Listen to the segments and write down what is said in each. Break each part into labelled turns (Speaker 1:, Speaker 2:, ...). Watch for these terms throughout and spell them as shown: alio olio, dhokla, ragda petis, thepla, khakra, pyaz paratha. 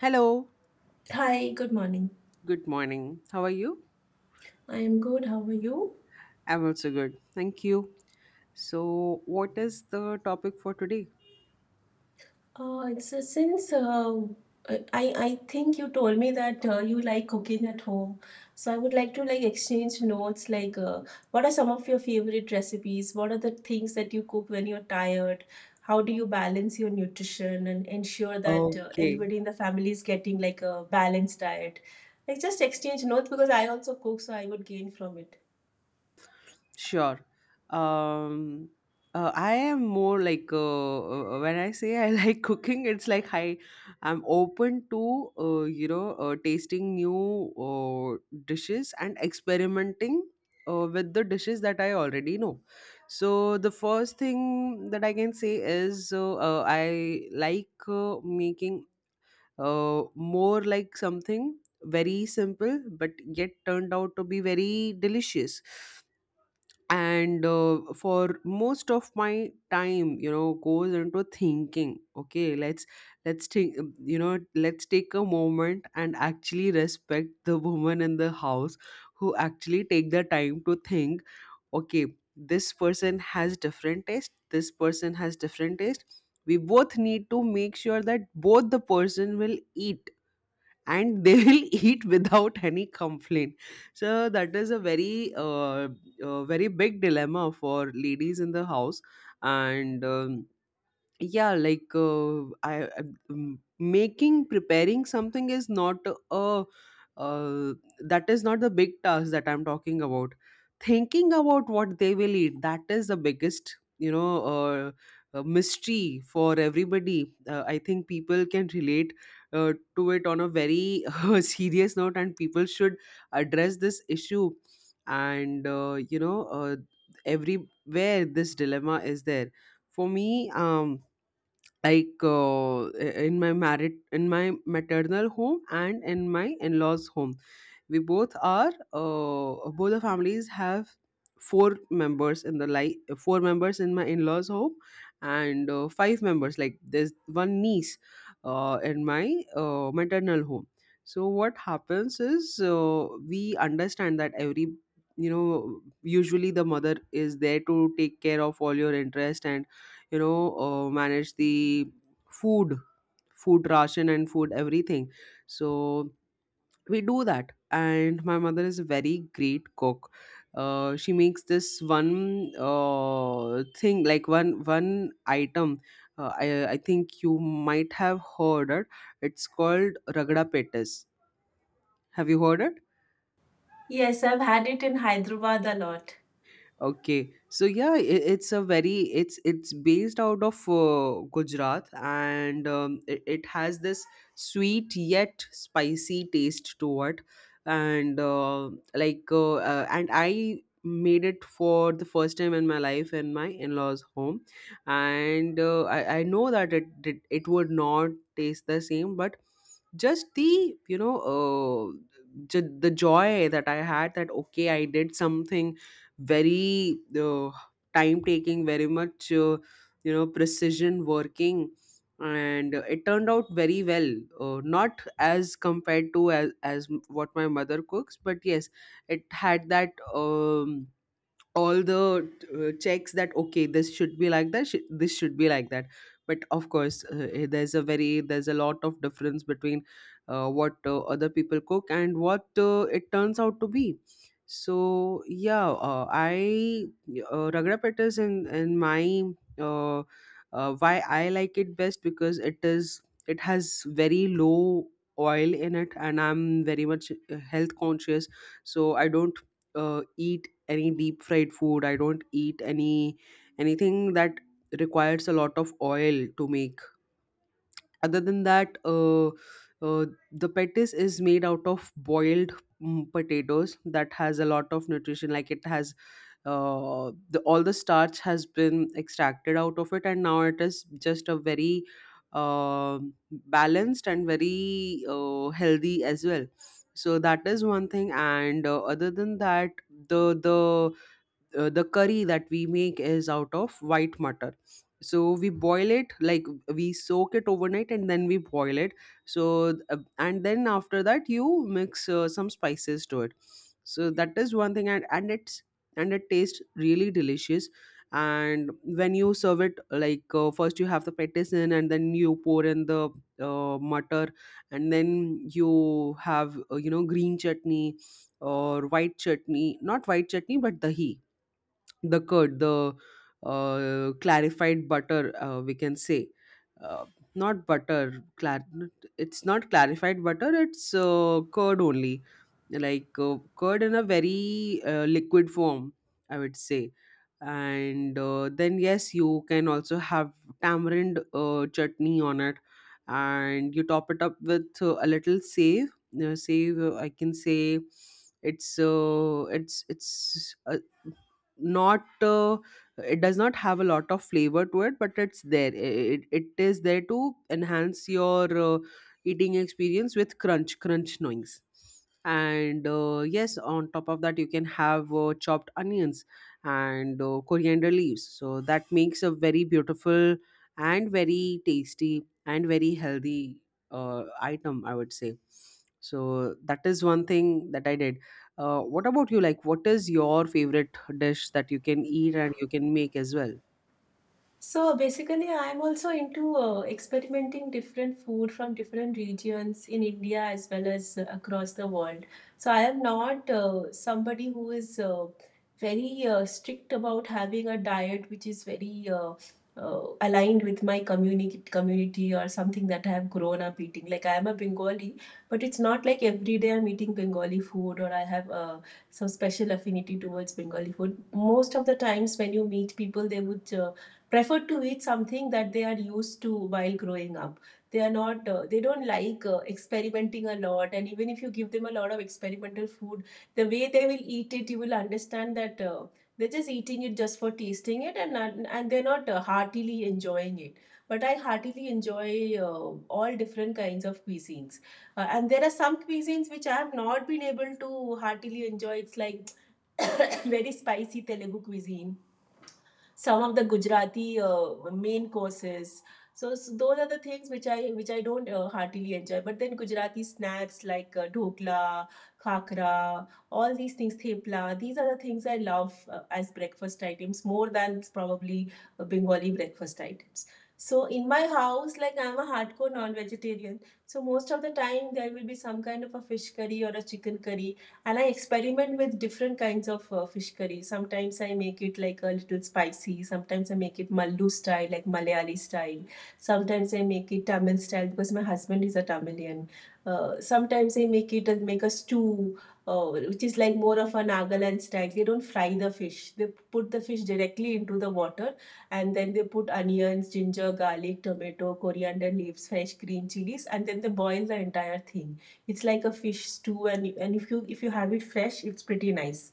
Speaker 1: Hello,
Speaker 2: Hi, good morning.
Speaker 1: good morning. How are you?
Speaker 2: I am good. How are you?
Speaker 1: I'm also good. Thank you. So, what is the topic for today?
Speaker 2: It's since uh, I I think you told me that you like cooking at home, so I would like to like exchange notes. What are some of your favorite recipes? What are the things that you cook when you're tired? How do you balance your nutrition and ensure that
Speaker 1: Okay.
Speaker 2: everybody in the family is getting like a balanced diet? Like, just exchange notes because I also cook, so I would gain from it.
Speaker 1: Sure. Um, I am more like when I say I like cooking, it's like I'm open to tasting new dishes and experimenting with the dishes that I already know. So the first thing that I can say is I like making more like something very simple but yet turned out to be very delicious, and for most of my time, you know, goes into thinking, okay, let's take you know, let's take a moment and actually respect the woman in the house who actually take the time to think, okay, this person has different taste, this person has different taste. We both need to make sure that both the person will eat, and they will eat without any complaint. So that is a very very big dilemma for ladies in the house. And Yeah, like making, preparing something is not a uh, that is not the big task that I'm talking about. Thinking about what they will eat, that is the biggest, you know, mystery for everybody. I think people can relate to it on a very serious note, and people should address this issue. And you know, everywhere this dilemma is there. For me, like in my maternal home and in my in-laws home, we both are both the families have four members in the, like, four members in my in-laws home, and five members, like there's one niece in my maternal home. So what happens is we understand that every, you know, usually the mother is there to take care of all your interest and, you know, manage the food food ration and food, everything. So we do that, and my mother is a very great cook. She makes this one thing, like one item. I think you might have heard it. It's called ragda petis. Have you heard it?
Speaker 2: Yes, I've had it in Hyderabad a lot.
Speaker 1: Okay, so yeah, it's a very it's based out of Gujarat, and it has this sweet yet spicy taste to it, and like and I made it for the first time in my life in my in-laws' home, and I know that it would not taste the same, but just the, you know, the joy that I had that okay, I did something very time taking, very much you know, precision working, and it turned out very well. Not as compared to as what my mother cooks, but yes, it had that. All the checks that okay, this should be like this should be like that. But of course, there's a very there's a lot of difference between what other people cook and what it turns out to be. So yeah, I ragra pet is in my uh, why I like it best, because it is it has very low oil in it, and I'm very much health conscious. So I don't eat any deep fried food. I don't eat any anything that requires a lot of oil to make. Other than that, uh, the petis is made out of boiled potatoes that has a lot of nutrition. Like it has all the starch has been extracted out of it, and now it is just a very uh, balanced and very healthy as well. So that is one thing. And other than that, the the the curry that we make is out of white mutton. So we boil it, like, we soak it overnight and then we boil it. So and then after that, you mix some spices to it. So that is one thing, and it's and it tastes really delicious. And when you serve it, like, first you have the petisson, and then you pour in the mutter, and then you have, you know, green chutney or white chutney, not white chutney but dahi, the curd, the clarified butter, we can say. Uh, not butter, it's not clarified butter, it's curd only. Like curd in a very liquid form, I would say. And then yes, you can also have tamarind chutney on it. And you top it up with a little save, I can say. It's not it does not have a lot of flavor to it, but it's there. It is there to enhance your eating experience with crunch noise. And yes, on top of that, you can have chopped onions and coriander leaves. So that makes a very beautiful and very tasty and very healthy item, I would say. So that is one thing that I did. What about you? Like, what is your favorite dish that you can eat and you can make as well?
Speaker 2: So basically, I'm also into experimenting different food from different regions in India as well as across the world. So I am not somebody who is very strict about having a diet which is very aligned with my community or something that I have grown up eating. Like I am a Bengali, but it's not like every day I'm eating Bengali food or I have some special affinity towards Bengali food. Most of the times when you meet people, they would prefer to eat something that they are used to while growing up. They are not they don't like experimenting a lot, and even if you give them a lot of experimental food, the way they will eat it you will understand that they're just eating it just for tasting it, and they're not heartily enjoying it, but I heartily enjoy all different kinds of cuisines. And there are some cuisines which I have not been able to heartily enjoy. It's like very spicy Telugu cuisine, some of the Gujarati main courses. So those are the things which I don't heartily enjoy. But then Gujarati snacks like dhokla, khakra, all these things, thepla. These are the things I love as breakfast items more than probably Bengali breakfast items. So in my house, like I'm a hardcore non-vegetarian, so most of the time there will be some kind of a fish curry or a chicken curry, and I experiment with different kinds of fish curry. Sometimes I make it like a little spicy. Sometimes I make it Mallu style, like Malayali style. Sometimes I make it Tamil style because my husband is a Tamilian. Sometimes I make it and make a stew, which is like more of a Nagaland style. They don't fry the fish. They put the fish directly into the water, and then they put onions, ginger, garlic, tomato, coriander leaves, fresh green chilies, and then they boil the entire thing. It's like a fish stew, and and if you have it fresh it's pretty nice.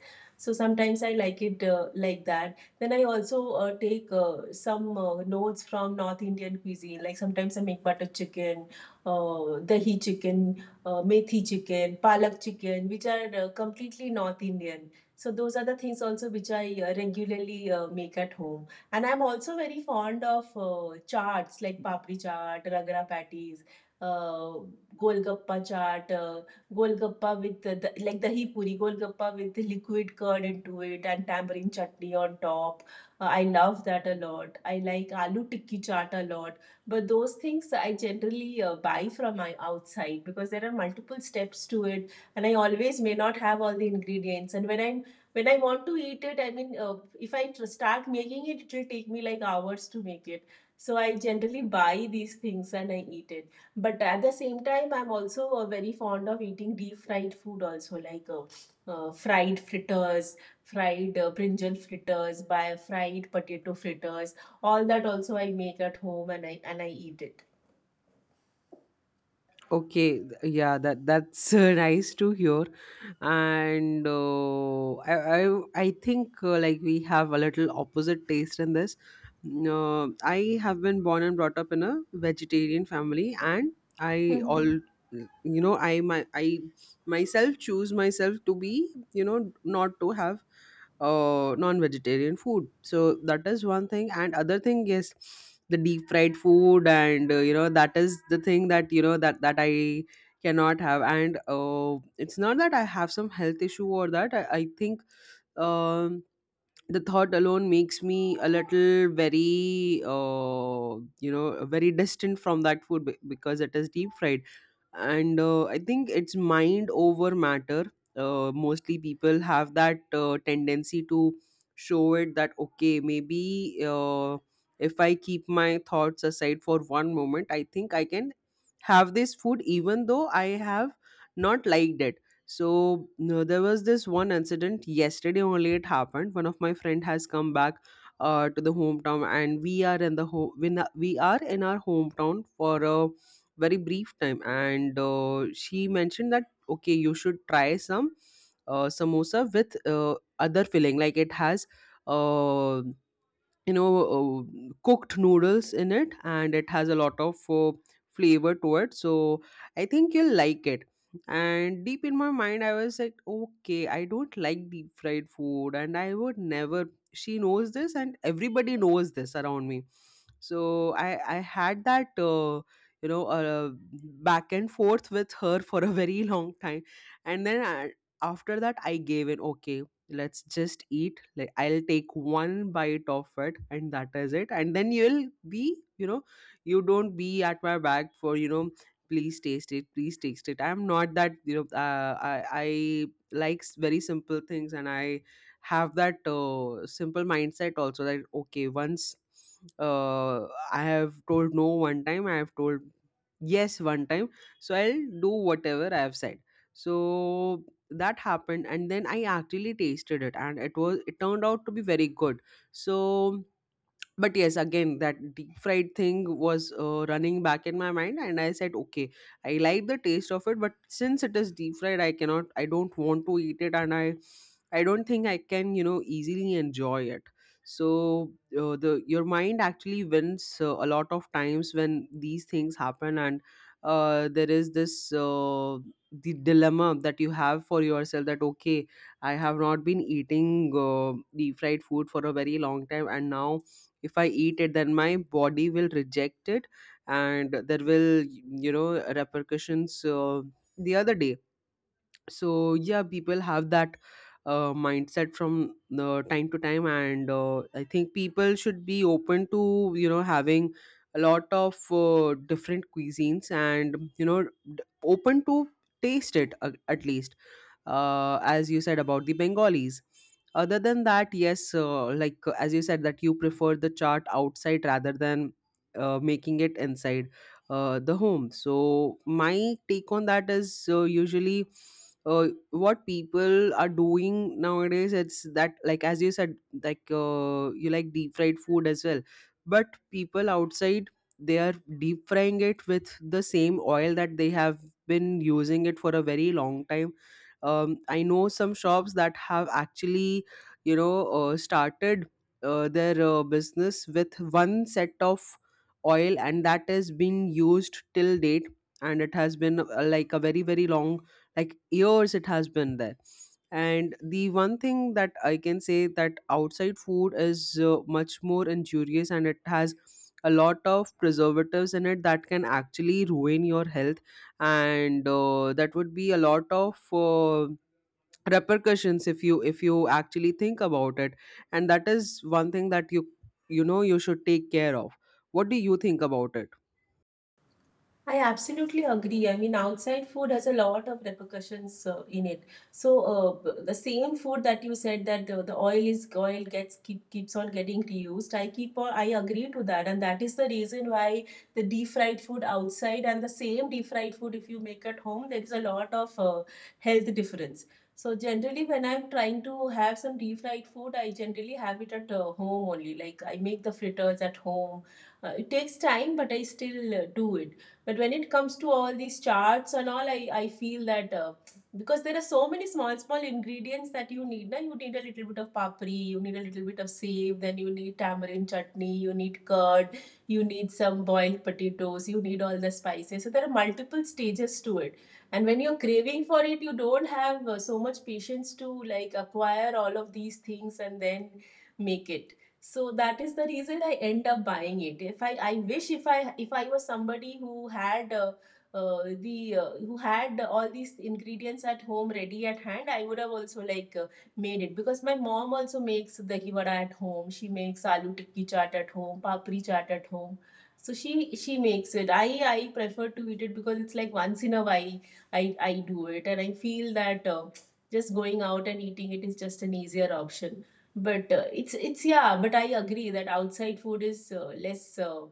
Speaker 2: So sometimes I like it like that. Then I also take some notes from North Indian cuisine, like sometimes I make butter chicken, dahi chicken, methi chicken, palak chicken, which are completely North Indian. So those are the things also which I regularly make at home. And I'm also very fond of charts like papri chaat, ragra patties, uh, Golgappa chaat, Golgappa with like dahi puri, Golgappa with liquid curd into it and tamarind chutney on top. I love that a lot. I like aloo tikki chaat a lot. But those things I generally buy from my outside because there are multiple steps to it, and I always may not have all the ingredients. And when I want to eat it, I mean, if I tr- start making it, it will take me like hours to make it. So I generally buy these things and I eat it. But at the same time, I'm also very fond of eating deep fried food also, like fried fritters, fried brinjal fritters, by fried potato fritters. All that also I make at home, and I eat it.
Speaker 1: Okay, yeah, that's nice to hear, and I think like we have a little opposite taste in this. No, I have been born and brought up in a vegetarian family, and I all you know, I my I myself choose myself to be, you know, not to have non-vegetarian food. So that is one thing. And other thing is the deep fried food. And you know, that is the thing that, you know, that I cannot have. And it's not that I have some health issue or that I think, um the thought alone makes me a little very, you know, very distant from that food, because it is deep fried. And I think it's mind over matter. Uh, mostly people have that tendency to show it that, okay, maybe if I keep my thoughts aside for one moment, I think I can have this food even though I have not liked it. So no, there was this one incident yesterday only, it happened. One of my friend has come back to the hometown, and we are in the ho we are in our hometown for a very brief time, and she mentioned that, okay, you should try some samosa with other filling, like it has, Uh, you know, cooked noodles in it, and it has a lot of flavor to it, so I think you'll like it. And deep in my mind, I was like, okay, I don't like deep fried food, and I would never. She knows this and everybody knows this around me. So i I had that you know, back and forth with her for a very long time, and then I, after that, I gave in, okay, let's just eat, like, I'll take one bite of it and that is it, and then you'll be, you know, you don't be at my back for, you know, please taste it, please taste it. I'm not that, you know, I like very simple things, and I have that simple mindset also that, okay, once uh, I have told no one time, I have told yes one time. So I'll do whatever I have said. So that happened, and then I actually tasted it, and it was it turned out to be very good. So but yes, again, that deep fried thing was running back in my mind, and I said, okay, I like the taste of it, but since it is deep fried, I cannot, I don't want to eat it, and I don't think I can, you know, easily enjoy it. So the your mind actually wins a lot of times when these things happen. And there is this, the dilemma that you have for yourself that, okay, I have not been eating uh, deep fried food for a very long time, and now if I eat it, then my body will reject it, and there will, you know, repercussions the other day. So yeah, people have that mindset from time to time. And I think people should be open to, you know, having a lot of different cuisines, and you know, open to taste it at least. Uh, as you said about the bengalis, other than that, yes, like as you said that you prefer the chart outside rather than making it inside the home. So my take on that is Usually, what people are doing nowadays, it's that, like as you said, like you like deep fried food as well. But people outside, they are deep frying it with the same oil that they have been using it for a very long time. I know some shops that have actually started their business with one set of oil, and that is being used till date. And it has been like a very long, like years it has been there. And the one thing that I can say, that outside food is much more injurious, and it has a lot of preservatives in it that can actually ruin your health. And that would be a lot of repercussions if you actually think about it. And that is one thing that you know you should take care of. What do you think about it?
Speaker 2: I absolutely agree. I mean, outside food has a lot of repercussions in it. So the same food that you said that the oil gets keeps on getting reused. I agree to that, and that is the reason why the deep fried food outside and the same deep fried food if you make at home, there is a lot of health difference. So generally, when I'm trying to have some deep fried food, I generally have it at home only. Like I make the fritters at home. It takes time, but I still do it. But when it comes to all these charts and all, I feel that because there are so many small, small ingredients that you need. Now, you need a little bit of papri, you need a little bit of save, then you need tamarind chutney, you need curd, you need some boiled potatoes, you need all the spices. So, there are multiple stages to it. And when you're craving for it, you don't have so much patience to like acquire all of these things and then make it. So that is the reason I end up buying it. If I, I wish if I was somebody who had the who had all these ingredients at home ready at hand, I would have also like made it, because my mom also makes dahi vada at home. She makes aloo tikki chaat at home, papri chaat at home. So she makes it. I prefer to eat it because it's like once in a while I I do it, and I feel that just going out and eating it is just an easier option. But it's, yeah, but I agree that outside food is less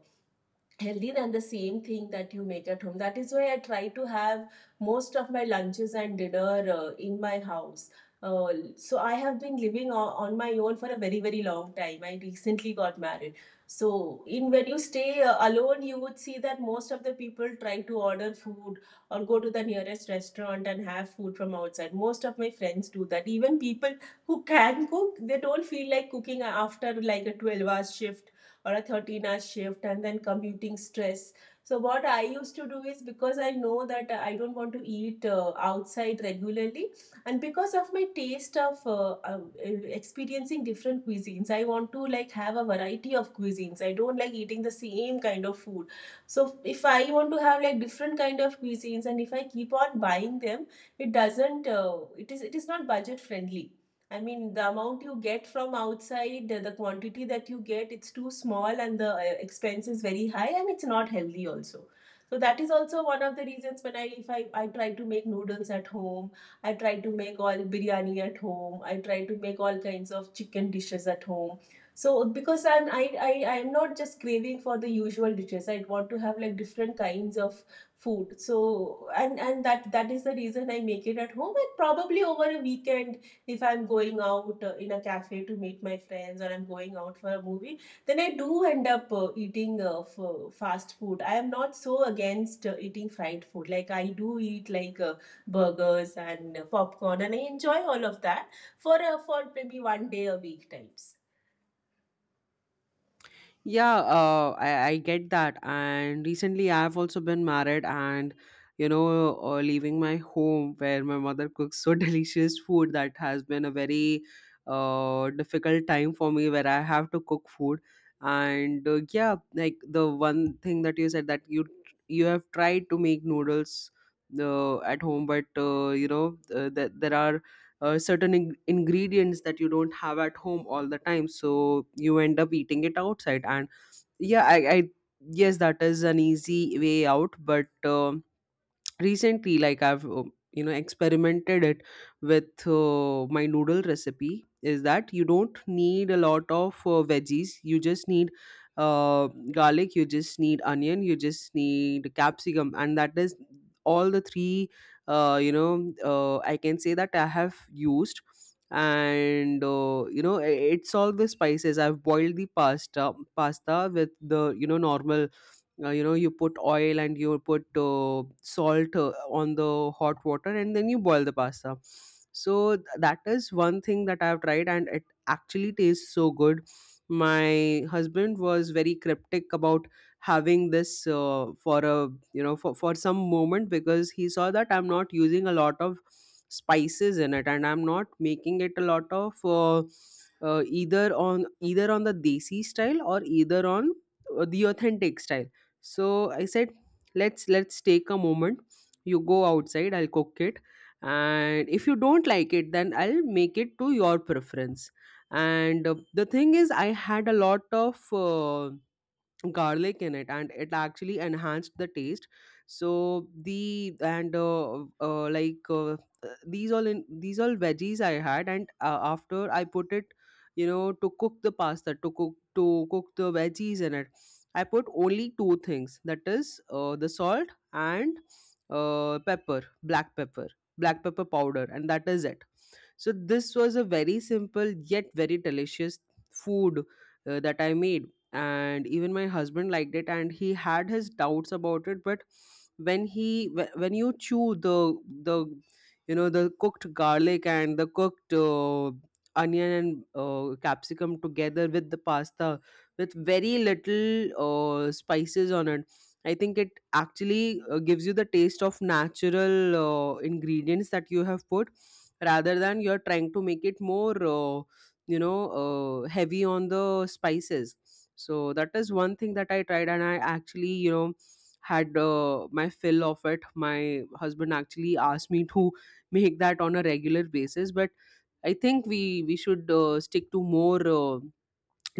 Speaker 2: healthy than the same thing that you make at home. That is why I try to have most of my lunches and dinner in my house. So I have been living on my own for a very very long time. I recently got married. So in when you stay alone, you would see that most of the people try to order food or go to the nearest restaurant and have food from outside. Most of my friends do that. Even people who can cook, they don't feel like cooking after like a 12 hour shift or a 13-hour shift and then commuting stress. So, what I used to do is because I know that I don't want to eat outside regularly, and because of my taste of experiencing different cuisines, I want to like have a variety of cuisines. I don't like eating the same kind of food. So, if I want to have like different kind of cuisines, and if I keep on buying them, it doesn't. It is. It is not budget friendly. I mean, the amount you get from outside, the quantity that you get, it's too small, and the expense is very high, and it's not healthy also. So that is also one of the reasons when I if I try to make noodles at home, I try to make all biryani at home, I try to make all kinds of chicken dishes at home. So because I'm I I'm not just craving for the usual dishes. I want to have like different kinds of food. So and that that is the reason I make it at home, and probably over a weekend if I'm going out in a cafe to meet my friends, or I'm going out for a movie, then I do end up eating fast food. I am not so against eating fried food. Like I do eat like burgers and popcorn, and I enjoy all of that for maybe one day a week types.
Speaker 1: Yeah, I get that. And recently, I've also been married, and you know, leaving my home where my mother cooks so delicious food, that has been a very difficult time for me where I have to cook food. And yeah, like the one thing that you said, that you have tried to make noodles at home, but that there are ingredients that you don't have at home all the time, so you end up eating it outside. And I, yes, that is an easy way out, but recently, like I've experimented it with my noodle recipe, is that you don't need a lot of veggies. You just need garlic, you just need onion, you just need capsicum, and that is all the three I can say that I have used. And it's all the spices. I've boiled the pasta with the, you know, normal, you know, you put oil and you put salt on the hot water, and then you boil the pasta. So that is one thing that I've tried, and it actually tastes so good. My husband was very cryptic about having this for a, you know, for some moment, because he saw that I'm not using a lot of spices in it, and I'm not making it a lot of either on either on the desi style, or either on the authentic style. So I said, let's take a moment, you go outside, I'll cook it, and if you don't like it, then I'll make it to your preference. And the thing is, I had a lot of garlic in it, and it actually enhanced the taste. So the, and these all, in these all veggies I had, and after I put it, you know, to cook the pasta, to cook the veggies in it, I put only two things, that is the salt and pepper, black pepper, black pepper powder, and that is it. So this was a very simple yet very delicious food that I made, and even my husband liked it, and he had his doubts about it. But when when you chew the you know, the cooked garlic and the cooked onion, and capsicum together with the pasta, with very little spices on it, I think it actually gives you the taste of natural ingredients that you have put, rather than you're trying to make it more you know heavy on the spices. So that is one thing that I tried, and I actually, you know, had my fill of it. My husband actually asked me to make that on a regular basis, but I think we should stick to more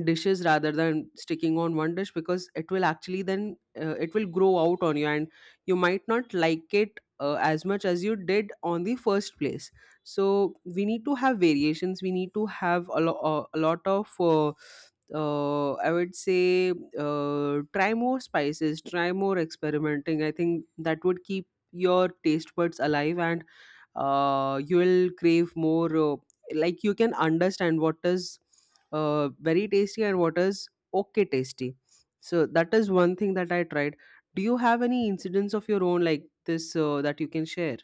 Speaker 1: dishes rather than sticking on one dish, because it will actually then, it will grow out on you, and you might not like it as much as you did on the first place. So we need to have variations, we need to have a lot of I would say, try more spices, try more experimenting. I think that would keep your taste buds alive, and you will crave more, like you can understand what is very tasty and what is okay tasty. So that is one thing that I tried. Do you have any incidents of your own like this, that you can share?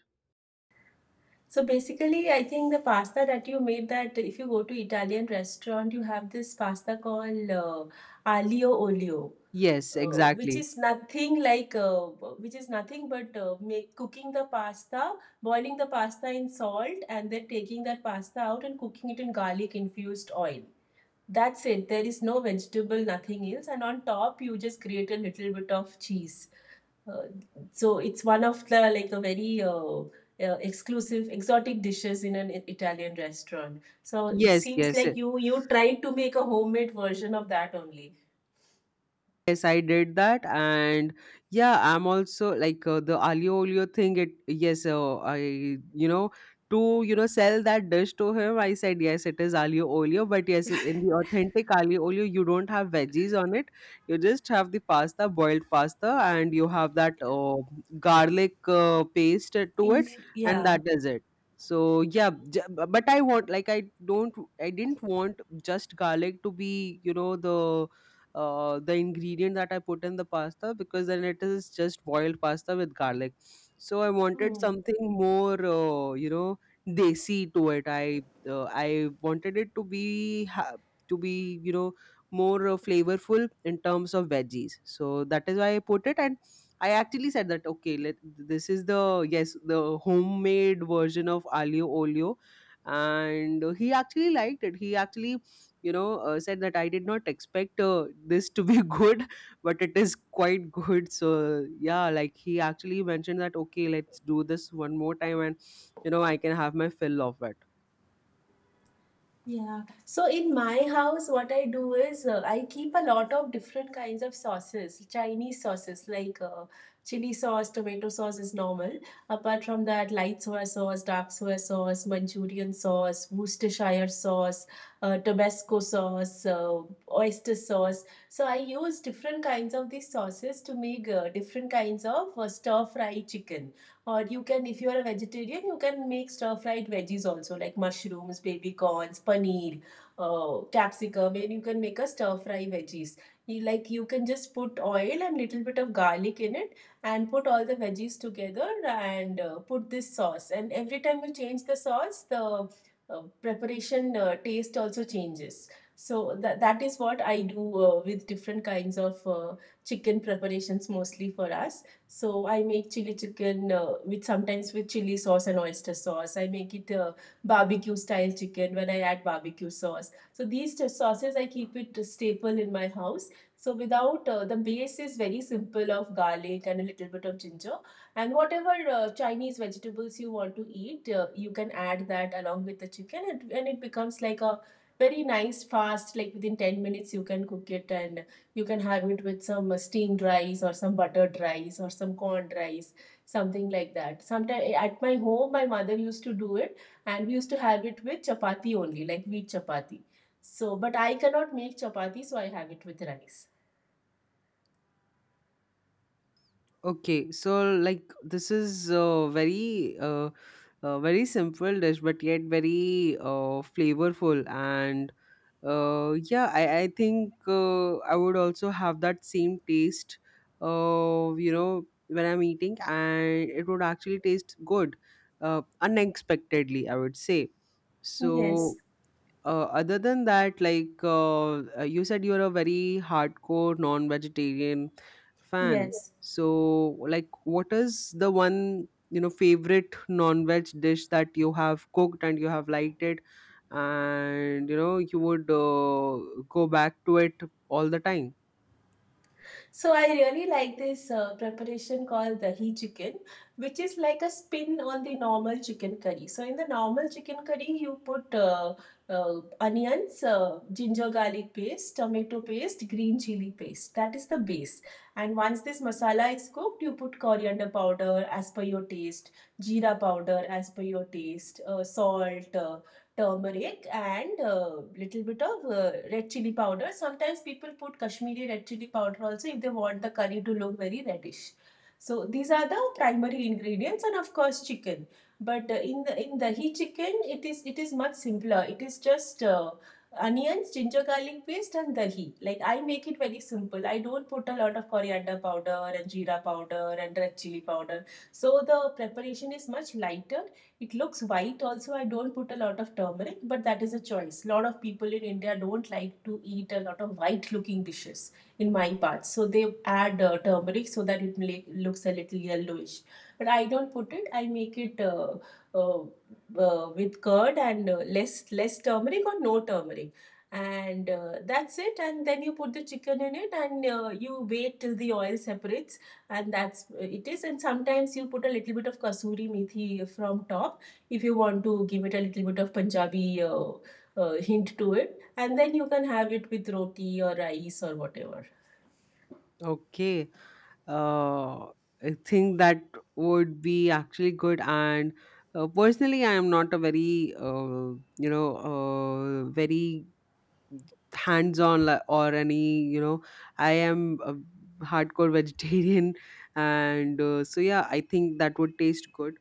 Speaker 2: So basically, I think the pasta that you made, that if you go to Italian restaurant, you have this pasta called aglio olio,
Speaker 1: Yes,
Speaker 2: uh, which
Speaker 1: exactly.
Speaker 2: is nothing like uh, which is nothing but make cooking the pasta, boiling the pasta in salt and then taking that pasta out and cooking it in garlic infused oil. That's it. There is no vegetable, nothing else, and on top you just create a little bit of cheese. uh, so it's one of the like a very exclusive exotic dishes in an Italian restaurant. So it
Speaker 1: Yes,
Speaker 2: seems
Speaker 1: yes.
Speaker 2: like you tried to make a homemade version of that only.
Speaker 1: Yes, I did that, and yeah, I'm also like the alio olio thing. It, yes, I, you know, to, you know, sell that dish to him, I said, yes, it is alio olio, but yes, in the authentic alio olio, you don't have veggies on it. You just have the pasta, boiled pasta, and you have that garlic paste to it, and
Speaker 2: Yeah.
Speaker 1: that is it. So yeah, but I want, like I don't, I didn't want just garlic to be, you know, the ingredient that I put in the pasta, because then it is just boiled pasta with garlic. So I wanted
Speaker 2: Hmm.
Speaker 1: something more, you know, desi to it. I wanted it to be to be, you know, more flavorful in terms of veggies. So that is why I put it. And I actually said that, okay, let, this is the, yes, the homemade version of alio olio, and he actually liked it. He actually, you know, said that, I did not expect this to be good, but it is quite good. So yeah, like he actually mentioned that, okay, let's do this one more time, and you know, I can have my fill of it.
Speaker 2: Yeah. So in my house, what I do is I keep a lot of different kinds of sauces, Chinese sauces like chili sauce, tomato sauce is normal. Apart from that, light soy sauce, dark soy sauce, Manchurian sauce, Worcestershire sauce, Tabasco sauce, oyster sauce. So I use different kinds of these sauces to make different kinds of stir fry chicken. Or you can, if you're a vegetarian, you can make stir-fried veggies also, like mushrooms, baby corns, paneer, capsicum, and you can make a stir-fry veggies. You, like you can just put oil and little bit of garlic in it, and put all the veggies together and put this sauce. And every time you change the sauce, the preparation taste also changes. So that is what I do with different kinds of chicken preparations mostly for us. So I make chili chicken with sometimes with chili sauce and oyster sauce. I make it barbecue style chicken when I add barbecue sauce. So these two sauces I keep it a staple in my house. So without the base is very simple of garlic and a little bit of ginger and whatever Chinese vegetables you want to eat, you can add that along with the chicken and it becomes like a very nice fast, like within 10 minutes you can cook it and you can have it with some steamed rice or some buttered rice or some corned rice, something like that. Sometimes at my home, my mother used to do it, and we used to have it with chapati only, like wheat chapati. So, but I cannot make chapati, so I have it with rice.
Speaker 1: Okay, so like this is a very very simple dish, but yet very flavorful. And yeah, I think I would also have that same taste, you know, when I'm eating, and it would actually taste good, unexpectedly, I would say. So
Speaker 2: Yes,
Speaker 1: other than that, like you said you're a very hardcore non-vegetarian fan.
Speaker 2: yes.
Speaker 1: So like, what is the one, you know, favorite non-veg dish that you have cooked and you have liked it, and you know, you would go back to it all the time?
Speaker 2: So I really like this preparation called dahi chicken, which is like a spin on the normal chicken curry. So in the normal chicken curry, you put onions, ginger garlic paste, tomato paste, green chili paste. That is the base. And once this masala is cooked, you put coriander powder as per your taste, jeera powder as per your taste, salt. Turmeric and little bit of red chili powder. Sometimes people put Kashmiri red chili powder also if they want the curry to look very reddish. So these are the primary ingredients and of course chicken. But in the in dahi chicken it is much simpler. It is just onions, ginger garlic paste and dahi. Like I make it very simple. I don't put a lot of coriander powder and jeera powder and red chili powder. So the preparation is much lighter, it looks white also. I don't put a lot of turmeric, but that is a choice. A lot of people in India don't like to eat a lot of white looking dishes in my part. So they add turmeric so that it make, looks a little yellowish. But I don't put it. I make it with curd and less turmeric or no turmeric. And that's it. And then you put the chicken in it and you wait till the oil separates and that's it is, and sometimes you put a little bit of kasuri methi from top if you want to give it a little bit of punjabi hint to it and then you can have it with roti or rice or whatever.
Speaker 1: Okay. uh, I think that would be actually good. And personally, I am not a very very hands on, like, or any, you know, I am a hardcore vegetarian and so yeah, I think that would taste good.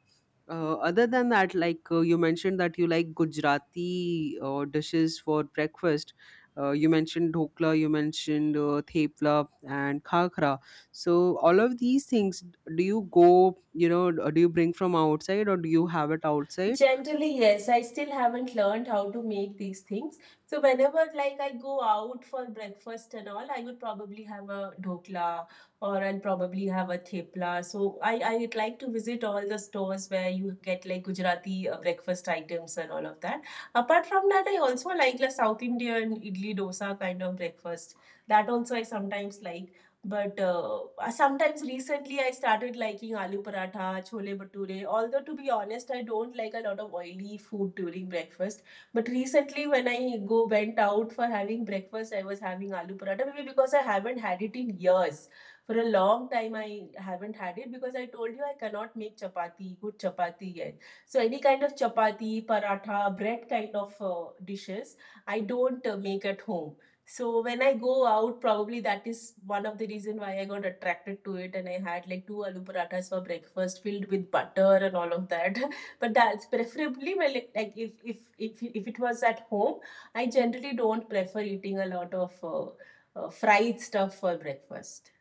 Speaker 1: Other than that, like you mentioned that you like Gujarati dishes for breakfast. You mentioned dhokla, you mentioned thepla and khakra. So all of these things, do you go, you know, do you bring from outside, or do you have it outside?
Speaker 2: Generally, yes. I still haven't learned how to make these things. So whenever like I go out for breakfast and all, I would probably have a dhokla or I'll probably have a thepla. So I'd like to visit all the stores where you get like Gujarati breakfast items and all of that. Apart from that, I also like the South Indian idli dosa kind of breakfast. That also I sometimes like. But sometimes recently I started liking aloo paratha, chole bhature. Although to be honest, I don't like a lot of oily food during breakfast. But recently when I go went out for having breakfast, I was having aloo paratha. Maybe because I haven't had it in years. For a long time I haven't had it because I told you I cannot make chapati, good chapati yet. So any kind of chapati, paratha, bread kind of dishes, I don't make at home, so when I go out, probably that is one of the reason why I got attracted to it, and I had like two aloo parathas for breakfast filled with butter and all of that. But that's preferably well, like if it was at home, I generally don't prefer eating a lot of fried stuff for breakfast.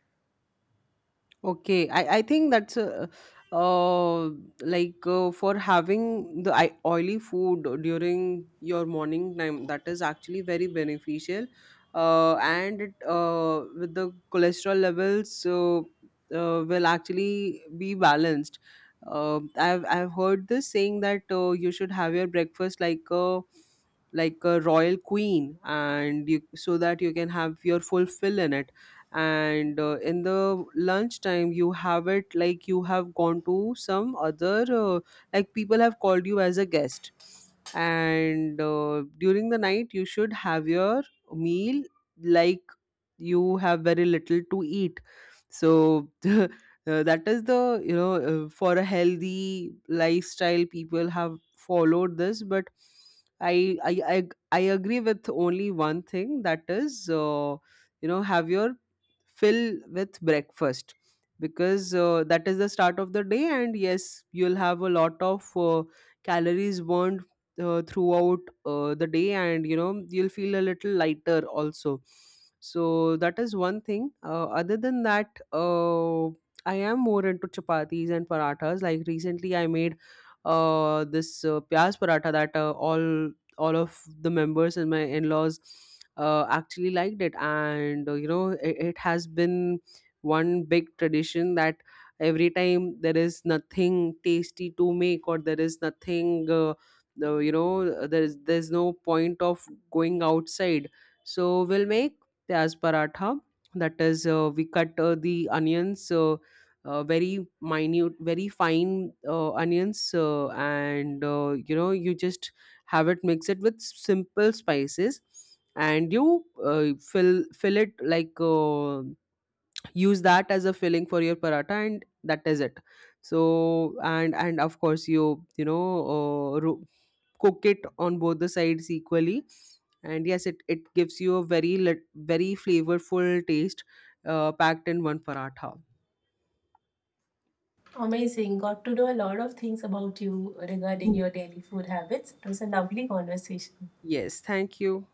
Speaker 1: Okay, I think that's uh, for having the oily food during your morning time, that is actually very beneficial. And it, with the cholesterol levels will actually be balanced. I've heard this saying that you should have your breakfast like a royal queen, and you, so that you can have your full fill in it, and in the lunchtime you have it like you have gone to some other, like people have called you as a guest, and during the night you should have your meal like you have very little to eat. So that is the, you know, for a healthy lifestyle people have followed this. But I agree with only one thing, that is you know, have your fill with breakfast, because that is the start of the day, and yes, you'll have a lot of calories burned throughout the day, and you know, you'll feel a little lighter also. So that is one thing. Other than that, I am more into chapatis and parathas. Like recently I made this pyaz paratha, that all of the members and my in-laws actually liked it. And you know, it has been one big tradition, that every time there is nothing tasty to make, or there is nothing, you know, there's no point of going outside. So we'll make pyaz paratha. That is, we cut the onions, very minute, very fine onions, and you know, you just have it, mix it with simple spices, and you fill, fill it like use that as a filling for your paratha, and that is it. So, and of course, cook it on both the sides equally, and yes, it gives you a very very flavorful taste packed in one paratha.
Speaker 2: Amazing, got to know a lot of things about you regarding
Speaker 1: Mm.
Speaker 2: your daily food habits. It was a lovely conversation.
Speaker 1: Yes, thank you.